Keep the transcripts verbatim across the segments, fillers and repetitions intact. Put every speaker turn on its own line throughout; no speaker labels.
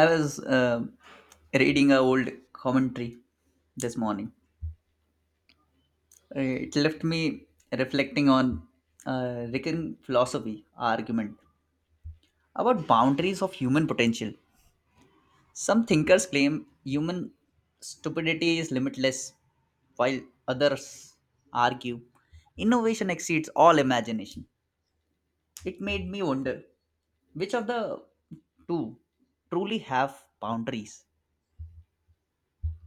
I was um reading a old commentary this morning. Uh, It left me reflecting on a Rican philosophy argument about boundaries of human potential. Some thinkers claim human stupidity is limitless, while others argue innovation exceeds all imagination. It made me wonder which of the two truly have boundaries.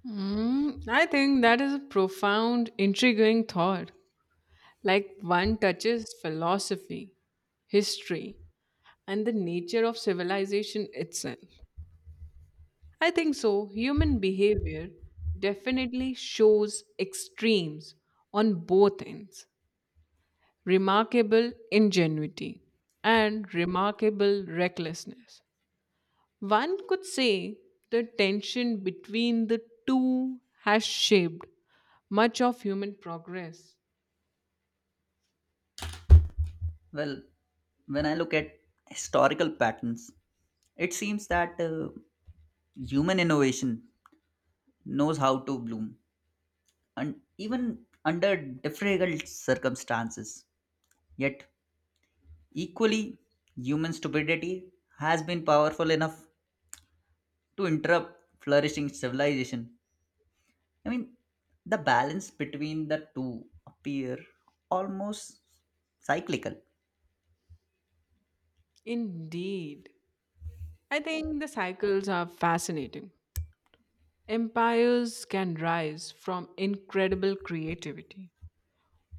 Mm, I think that is a profound, intriguing thought. Like one touches philosophy, history, and the nature of civilization itself. I think so. Human behavior definitely shows extremes on both ends, remarkable ingenuity and remarkable recklessness. One could say the tension between the two has shaped much of human progress.
Well, when I look at historical patterns, it seems that uh, human innovation knows how to bloom and even under difficult circumstances. Yet, equally, human stupidity has been powerful enough to interrupt flourishing civilization. I mean, the balance between the two appear almost cyclical.
Indeed. I think the cycles are fascinating. Empires can rise from incredible creativity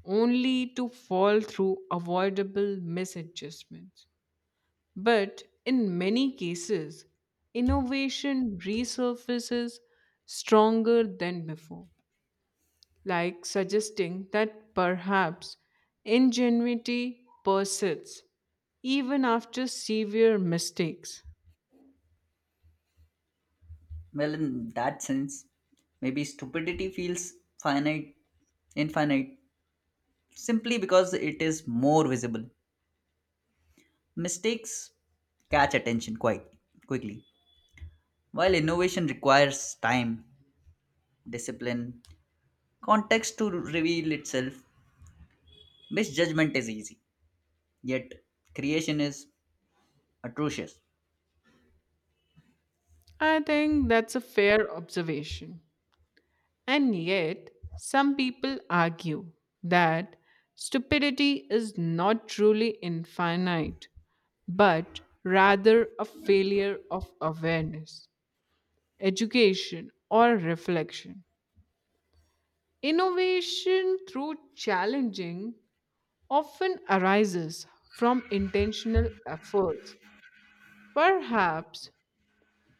only to fall through avoidable misadjustments. But in many cases, innovation resurfaces stronger than before, like suggesting that perhaps ingenuity persists even after severe mistakes.
Well, in that sense, maybe stupidity feels finite, infinite, simply because it is more visible. Mistakes catch attention quite quickly, while innovation requires time, discipline, context to reveal itself. Misjudgment is easy, yet creation is atrocious.
I think that's a fair observation. And yet, some people argue that stupidity is not truly infinite, but rather a failure of awareness, education, or reflection. Innovation through challenging often arises from intentional efforts. Perhaps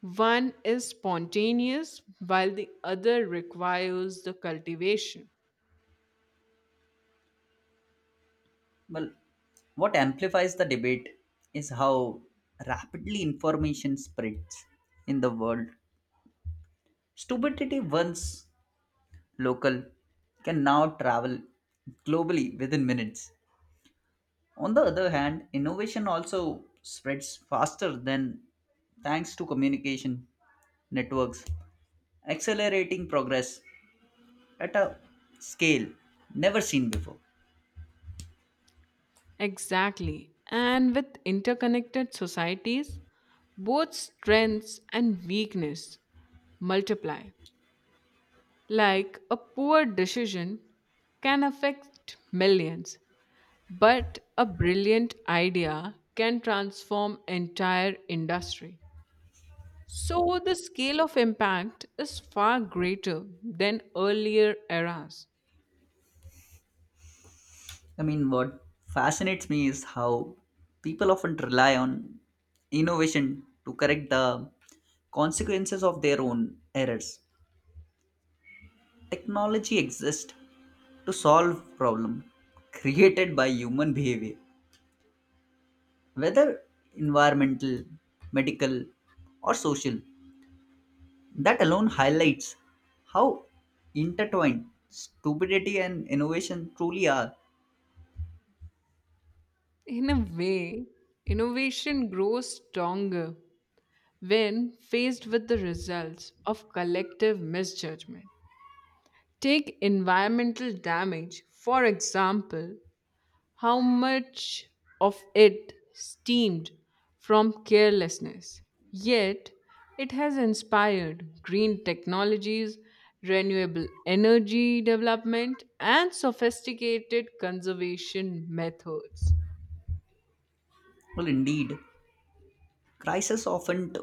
one is spontaneous while the other requires the cultivation.
Well, what amplifies the debate is how rapidly information spreads in the world. Stupidity once local can now travel globally within minutes. On the other hand, innovation also spreads faster than thanks to communication networks, accelerating progress at a scale never seen before.
Exactly. And with interconnected societies, both strengths and weakness multiply. Like a poor decision can affect millions, but a brilliant idea can transform entire industry. So the scale of impact is far greater than earlier eras.
I mean, what fascinates me is how people often rely on innovation to correct the consequences of their own errors. Technology exists to solve problem created by human behavior, whether environmental, medical, or social, that alone highlights how intertwined stupidity and innovation truly are.
In a way, innovation grows stronger when faced with the results of collective misjudgment. Take environmental damage, for example. How much of it stemmed from carelessness? Yet, it has inspired green technologies, renewable energy development, and sophisticated conservation methods.
Well indeed, crises often t-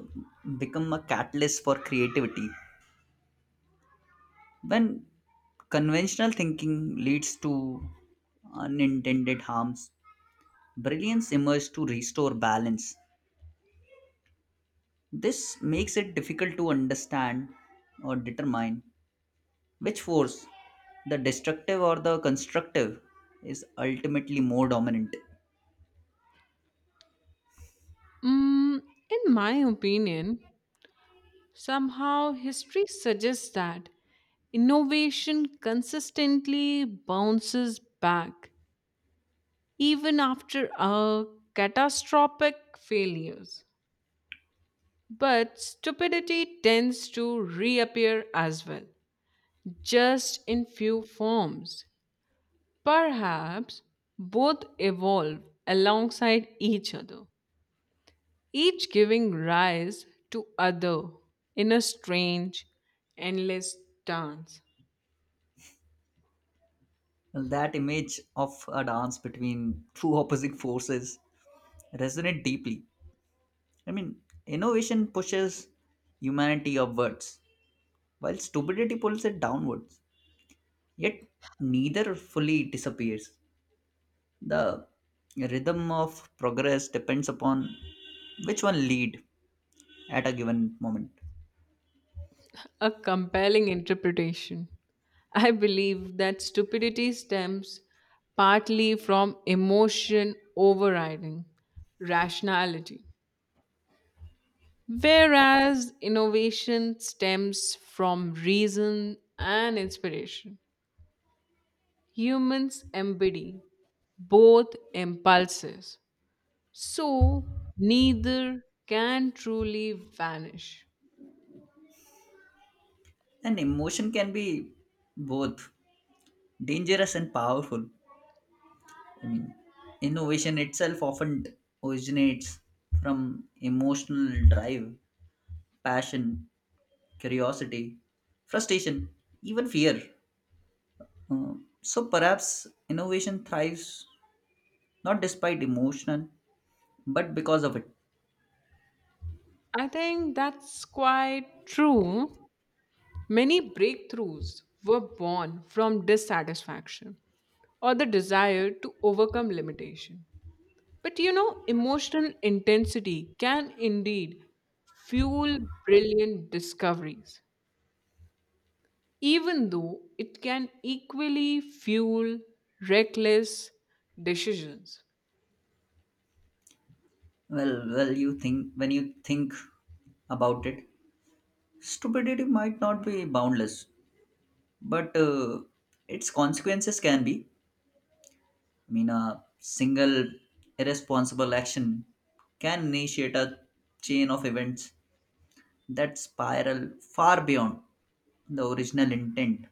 become a catalyst for creativity. When conventional thinking leads to unintended harms, brilliance emerges to restore balance. This makes it difficult to understand or determine which force, the destructive or the constructive, is ultimately more dominant.
Mm, in my opinion, somehow history suggests that innovation consistently bounces back even after a catastrophic failures. But stupidity tends to reappear as well, just in few forms. Perhaps both evolve alongside each other, each giving rise to other in a strange, endless dance.
Well, that image of a dance between two opposing forces resonates deeply. I mean, innovation pushes humanity upwards, while stupidity pulls it downwards. Yet, neither fully disappears. The rhythm of progress depends upon which one lead at a given moment.
A compelling interpretation. I believe that stupidity stems partly from emotion overriding rationality. Whereas innovation stems from reason and inspiration, humans embody both impulses. So neither can truly vanish.
And emotion can be both dangerous and powerful. I mean, innovation itself often originates from emotional drive, passion, curiosity, frustration, even fear. Uh, so perhaps innovation thrives not despite emotion, but because of it.
I think that's quite true. Many breakthroughs were born from dissatisfaction or the desire to overcome limitation. But you know, emotional intensity can indeed fuel brilliant discoveries, even though it can equally fuel reckless decisions.
Well, well, you think when you think about it, stupidity might not be boundless, but uh, its consequences can be. I mean, a single irresponsible action can initiate a chain of events that spiral far beyond the original intent.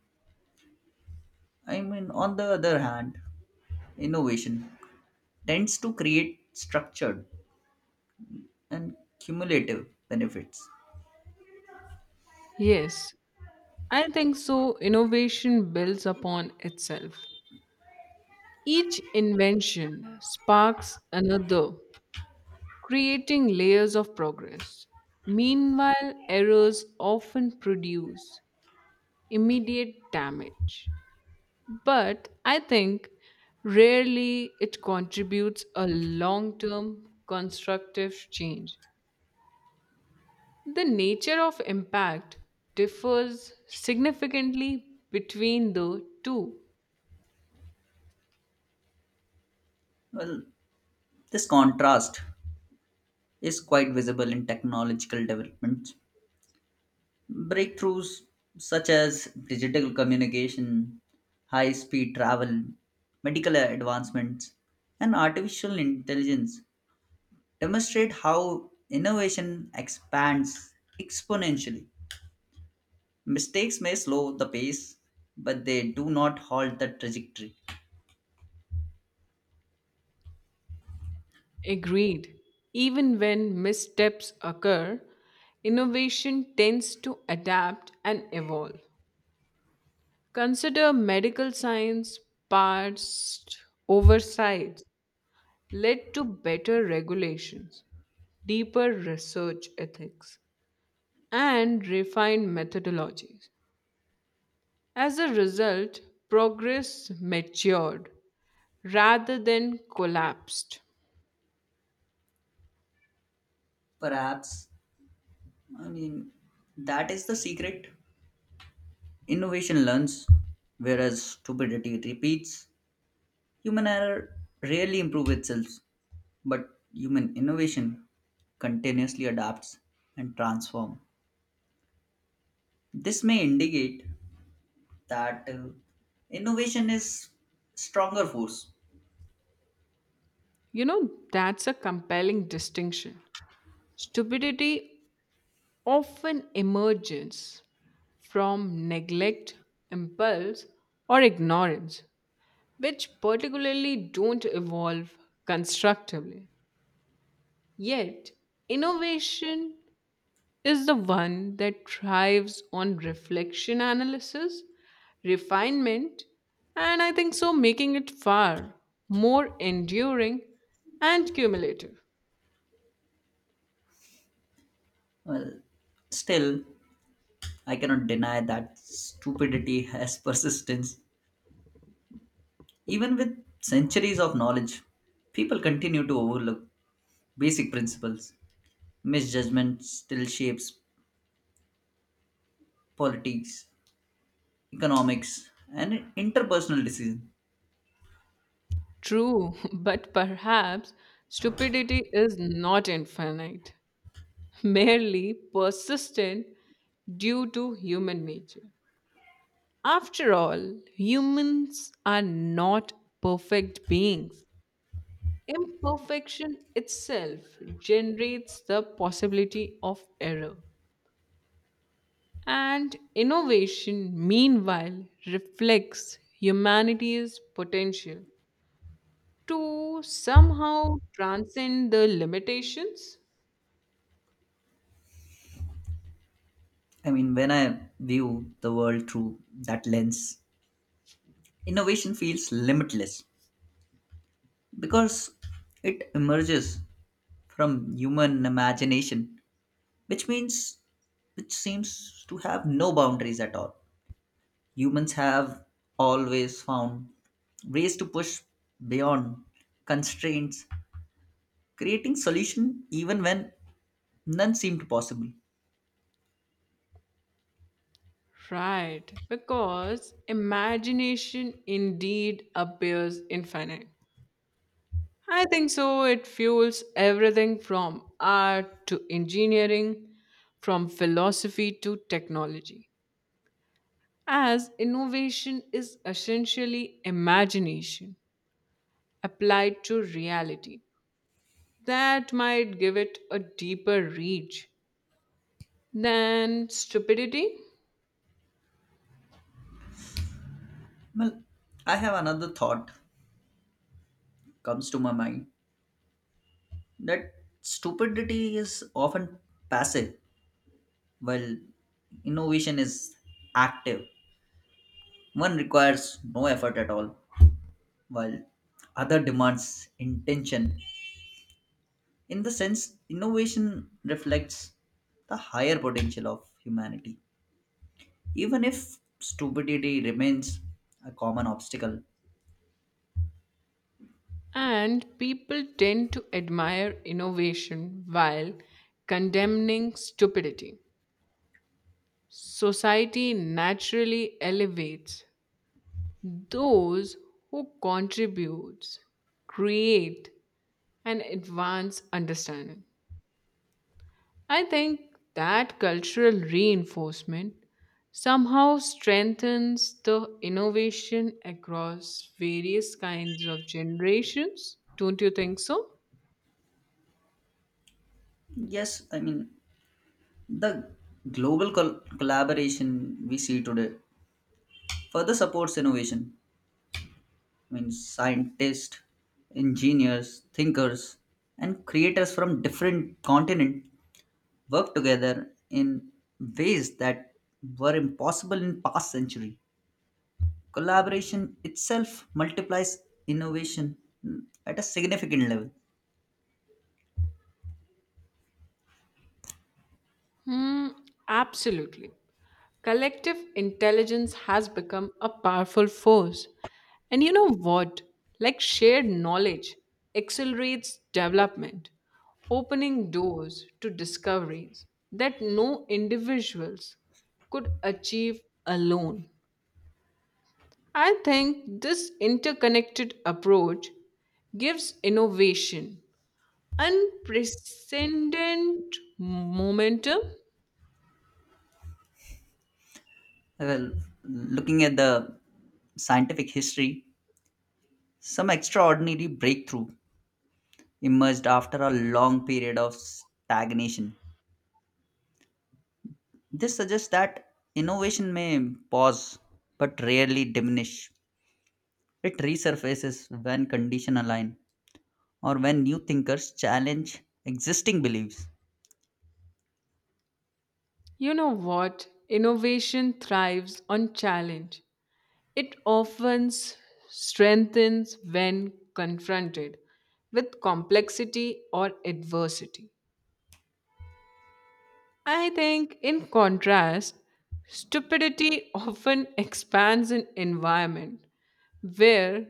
I mean, on the other hand, innovation tends to create structured and cumulative benefits.
Yes, I think so. Innovation builds upon itself. Each invention sparks another, creating layers of progress. Meanwhile, errors often produce immediate damage. But I think rarely it contributes a long term constructive change. The nature of impact differs significantly between the two.
Well, this contrast is quite visible in technological developments. Breakthroughs such as digital communication, high speed travel, medical advancements, and artificial intelligence demonstrate how innovation expands exponentially. Mistakes may slow the pace, but they do not halt the trajectory.
Agreed. Even when missteps occur, innovation tends to adapt and evolve. Consider medical science, past oversights led to better regulations, deeper research ethics, and refined methodologies. As a result, progress matured rather than collapsed.
Perhaps, I mean, that is the secret. Innovation learns, whereas stupidity repeats. Human error rarely improves itself, but human innovation continuously adapts and transforms. This may indicate that uh, innovation is stronger force.
You know, that's a compelling distinction. Stupidity often emerges from neglect, impulse, or ignorance, which particularly don't evolve constructively. Yet, innovation is the one that thrives on reflection analysis, refinement, and I think so making it far more enduring and cumulative.
Well, still, I cannot deny that stupidity has persistence. Even with centuries of knowledge, people continue to overlook basic principles. Misjudgment still shapes politics, economics, and interpersonal decisions.
True, but perhaps stupidity is not infinite, merely persistent due to human nature. After all, humans are not perfect beings. Imperfection itself generates the possibility of error. And innovation, meanwhile, reflects humanity's potential to somehow transcend the limitations.
I mean, when I view the world through that lens, innovation feels limitless because it emerges from human imagination, which means it seems to have no boundaries at all. Humans have always found ways to push beyond constraints, creating solution even when none seemed possible.
Right, because imagination indeed appears infinite. I think so. It fuels everything from art to engineering, from philosophy to technology, as innovation is essentially imagination applied to reality. That might give it a deeper reach than stupidity.
Well, I have another thought comes to my mind that stupidity is often passive, while innovation is active. One requires no effort at all, while other demands intention. In the sense, innovation reflects the higher potential of humanity, even if stupidity remains a common obstacle.
And people tend to admire innovation while condemning stupidity. Society naturally elevates those who contribute, create, and advance understanding. I think that cultural reinforcement somehow strengthens the innovation across various kinds of generations. Don't you think so?
Yes, I mean, the global col- collaboration we see today further supports innovation. Means scientists, engineers, thinkers, and creators from different continents worked together in ways that were impossible in past century. Collaboration itself multiplies innovation, mm, at a significant level.
Hmm, absolutely. Collective intelligence has become a powerful force. And you know what? Like shared knowledge accelerates development, opening doors to discoveries that no individuals could achieve alone. I think this interconnected approach gives innovation unprecedented momentum.
Well, looking at the scientific history, some extraordinary breakthrough emerged after a long period of stagnation. This suggests that innovation may pause but rarely diminish. It resurfaces when conditions align or when new thinkers challenge existing beliefs.
You know what? Innovation thrives on challenge. It often s- strengthens when confronted with complexity or adversity. I think, in contrast, stupidity often expands an environment where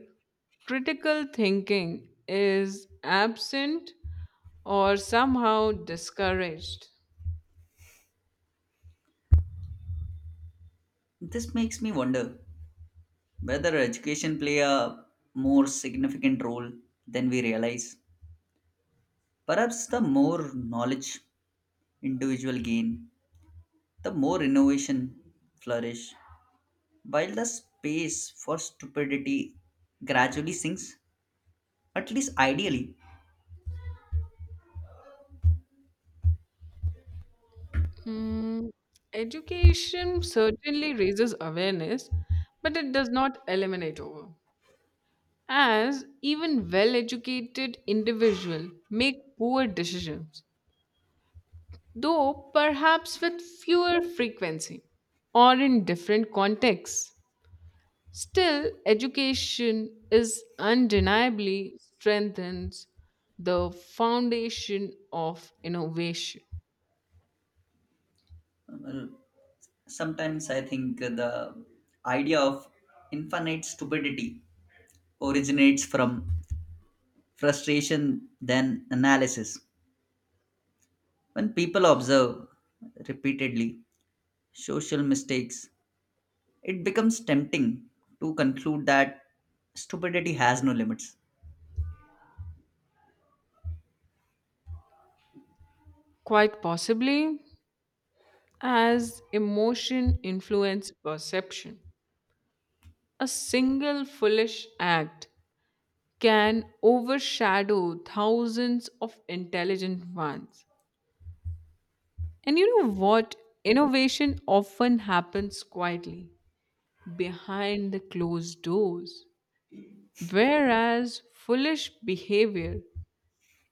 critical thinking is absent or somehow discouraged.
This makes me wonder whether education play a more significant role than we realize. Perhaps the more knowledge individual gain, the more innovation flourish, while the space for stupidity gradually sinks, at least ideally.
Mm, education certainly raises awareness, but it does not eliminate over. As even well educated individuals make poor decisions, though perhaps with fewer frequency or in different contexts. Still, education is undeniably strengthens the foundation of innovation.
Well, sometimes I think the idea of infinite stupidity originates from frustration than analysis. When people observe repeatedly social mistakes, it becomes tempting to conclude that stupidity has no limits.
Quite possibly, as emotion influence perception, a single foolish act can overshadow thousands of intelligent ones. And you know what? Innovation often happens quietly behind the closed doors, whereas foolish behavior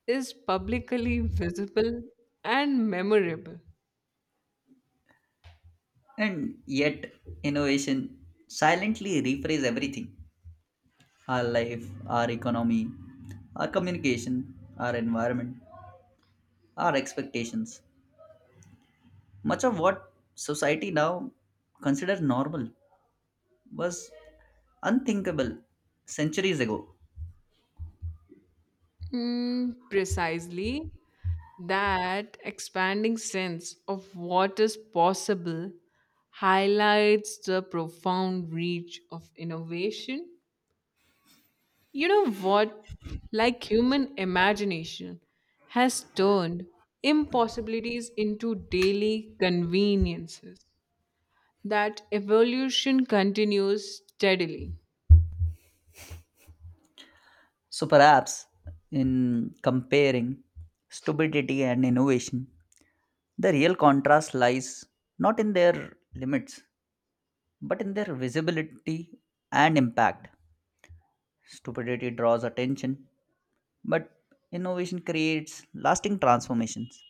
is publicly visible and memorable.
And yet, innovation silently reframes everything, our life, our economy, our communication, our environment, our expectations. Much of what society now considers normal was unthinkable centuries ago.
Mm, precisely. That expanding sense of what is possible highlights the profound reach of innovation. You know what? Like human imagination has turned impossibilities into daily conveniences. That evolution continues steadily.
So perhaps in comparing stupidity and innovation, the real contrast lies not in their limits, but in their visibility and impact. Stupidity draws attention, but innovation creates lasting transformations.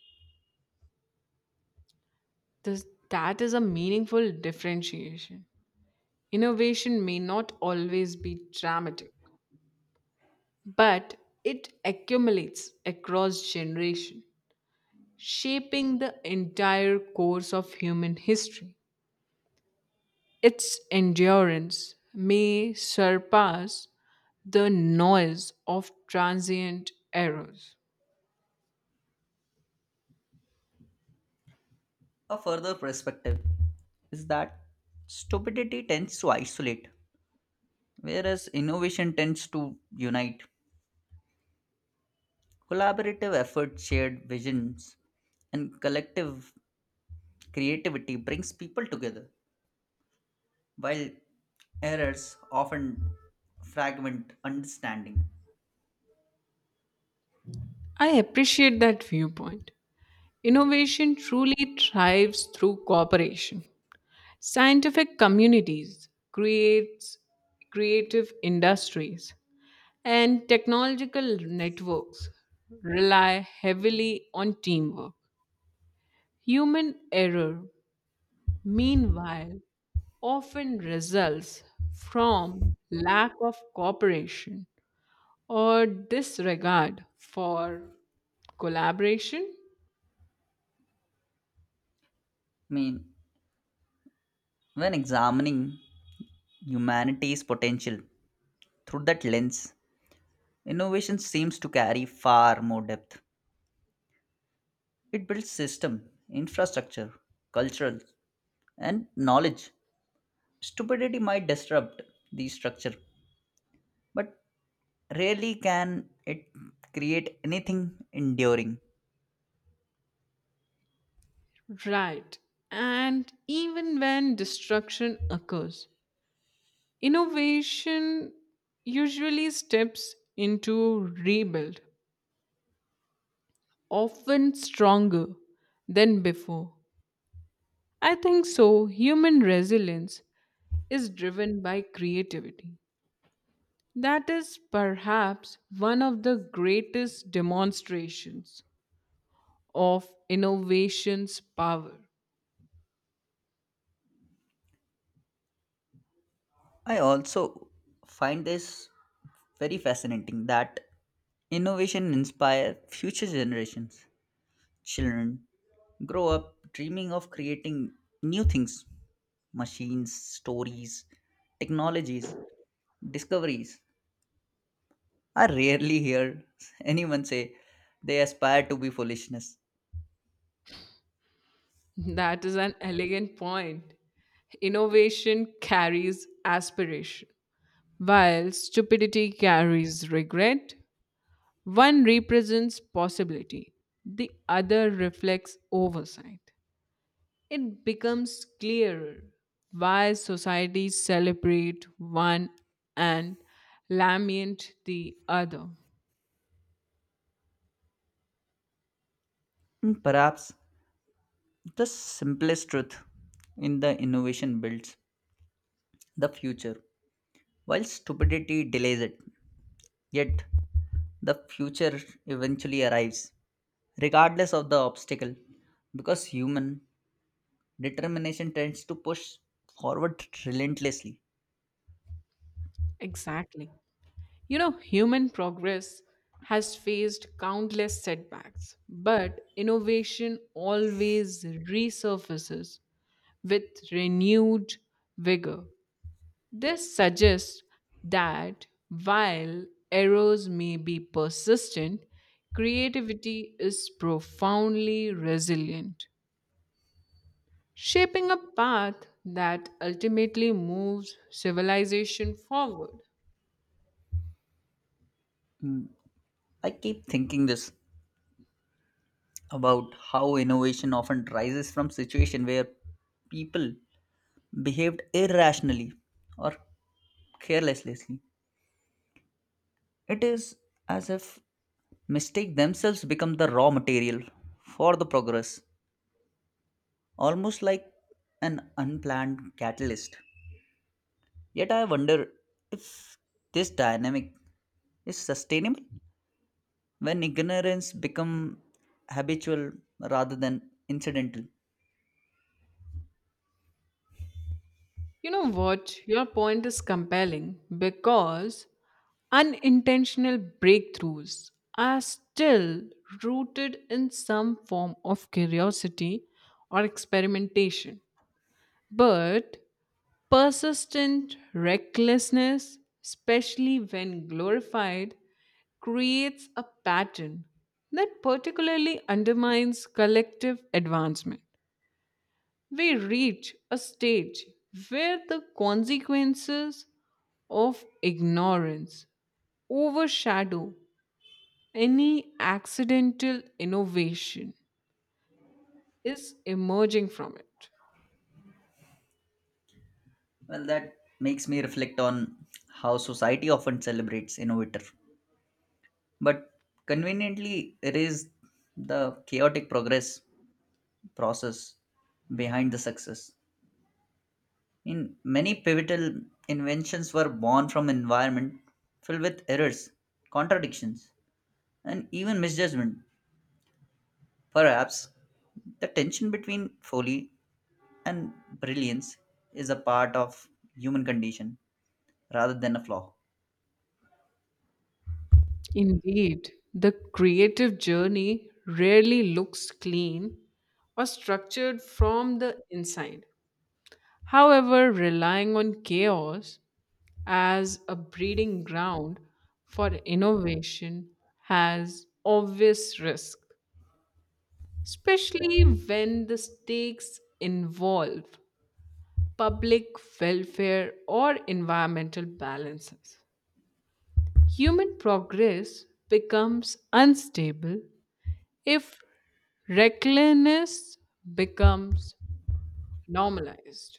This, that is a meaningful differentiation. Innovation may not always be dramatic, but it accumulates across generation, shaping the entire course of human history. Its endurance may surpass the noise of transient errors.
A further perspective is that stupidity tends to isolate, whereas innovation tends to unite. Collaborative effort, shared visions, and collective creativity brings people together, while errors often fragment understanding.
I appreciate that viewpoint. Innovation truly thrives through cooperation. Scientific communities creates creative industries. And technological networks rely heavily on teamwork. Human error, meanwhile, often results from lack of cooperation or disregard for collaboration.
I mean, when examining humanity's potential through that lens, innovation seems to carry far more depth. It builds system, infrastructure, cultural, and knowledge. Stupidity might disrupt the structure, but rarely can it create anything enduring.
Right. And even when destruction occurs, innovation usually steps into rebuild, often stronger than before. I think so. Human resilience is driven by creativity. That is perhaps one of the greatest demonstrations of innovation's power.
I also find this very fascinating that innovation inspire future generations. Children grow up dreaming of creating new things, machines, stories, technologies, discoveries. I rarely hear anyone say they aspire to be foolishness.
That is an elegant point. Innovation carries aspiration, while stupidity carries regret. One represents possibility, the other reflects oversight. It becomes clearer why societies celebrate one and lament the other.
And perhaps the simplest truth in the innovation builds the future. While stupidity delays it, yet the future eventually arrives, regardless of the obstacle, because human determination tends to push forward relentlessly.
Exactly. You know, human progress has faced countless setbacks, but innovation always resurfaces with renewed vigor. This suggests that while errors may be persistent, creativity is profoundly resilient, shaping a path that ultimately moves civilization forward.
I keep thinking this about how innovation often rises from situation where people behaved irrationally or carelessly. It is as if mistake themselves become the raw material for the progress, almost like an unplanned catalyst. Yet I wonder if this dynamic is sustainable when ignorance becomes habitual rather than incidental.
You know what? Your point is compelling because unintentional breakthroughs are still rooted in some form of curiosity or experimentation. But persistent recklessness, especially when glorified, creates a pattern that particularly undermines collective advancement. We reach a stage where the consequences of ignorance overshadow any accidental innovation is emerging from it.
Well, that makes me reflect on how society often celebrates innovator, but conveniently erase the chaotic progress process behind the success. In many pivotal inventions were born from environment filled with errors, contradictions, and even misjudgment. Perhaps the tension between folly and brilliance is a part of human condition rather than a flaw.
Indeed, the creative journey rarely looks clean or structured from the inside. However, relying on chaos as a breeding ground for innovation has obvious risk, especially when the stakes involve public welfare or environmental balances. Human progress becomes unstable if recklessness becomes normalized.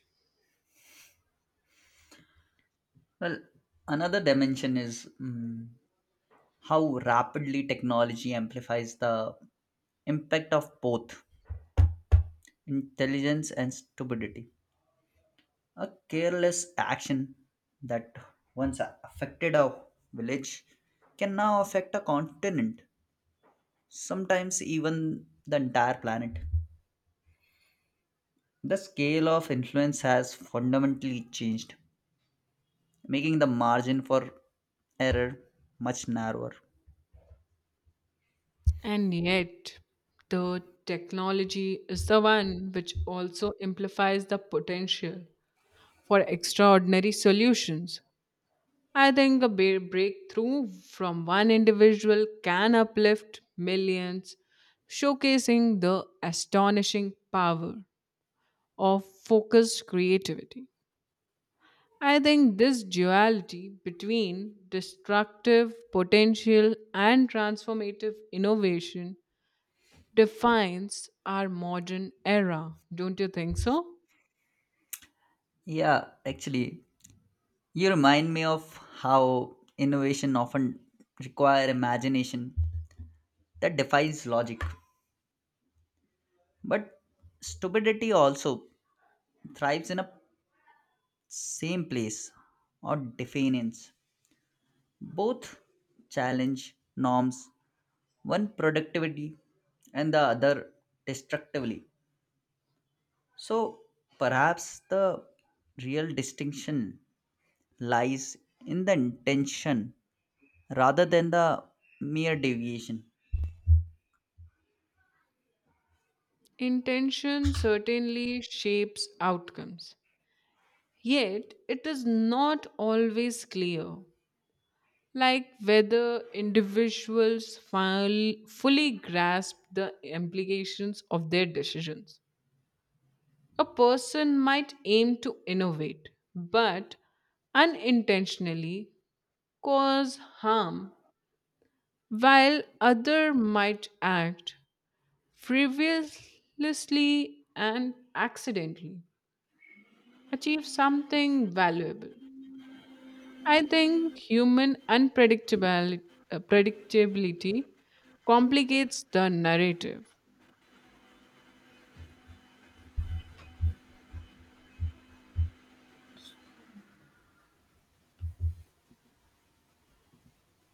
Well, another dimension is mm, how rapidly technology amplifies the impact of both intelligence and stupidity. A careless action that once affected a village can now affect a continent, sometimes even the entire planet. The scale of influence has fundamentally changed, making the margin for error much narrower.
And yet, the technology is the one which also amplifies the potential for extraordinary solutions. I think a ba- breakthrough from one individual can uplift millions, showcasing the astonishing power of focused creativity. I think this duality between destructive potential and transformative innovation defines our modern era, don't you think so?
Yeah, actually, you remind me of how innovation often require imagination that defies logic. But stupidity also thrives in a same place or definitions. Both challenge norms, one productivity and the other destructively. So perhaps the real distinction lies in the intention rather than the mere deviation.
Intention certainly shapes outcomes, yet, it is not always clear, like whether individuals ful- fully grasp the implications of their decisions. A person might aim to innovate, but unintentionally cause harm, while other might act frivolously and accidentally achieve something valuable. I think human unpredictability predictability complicates the narrative.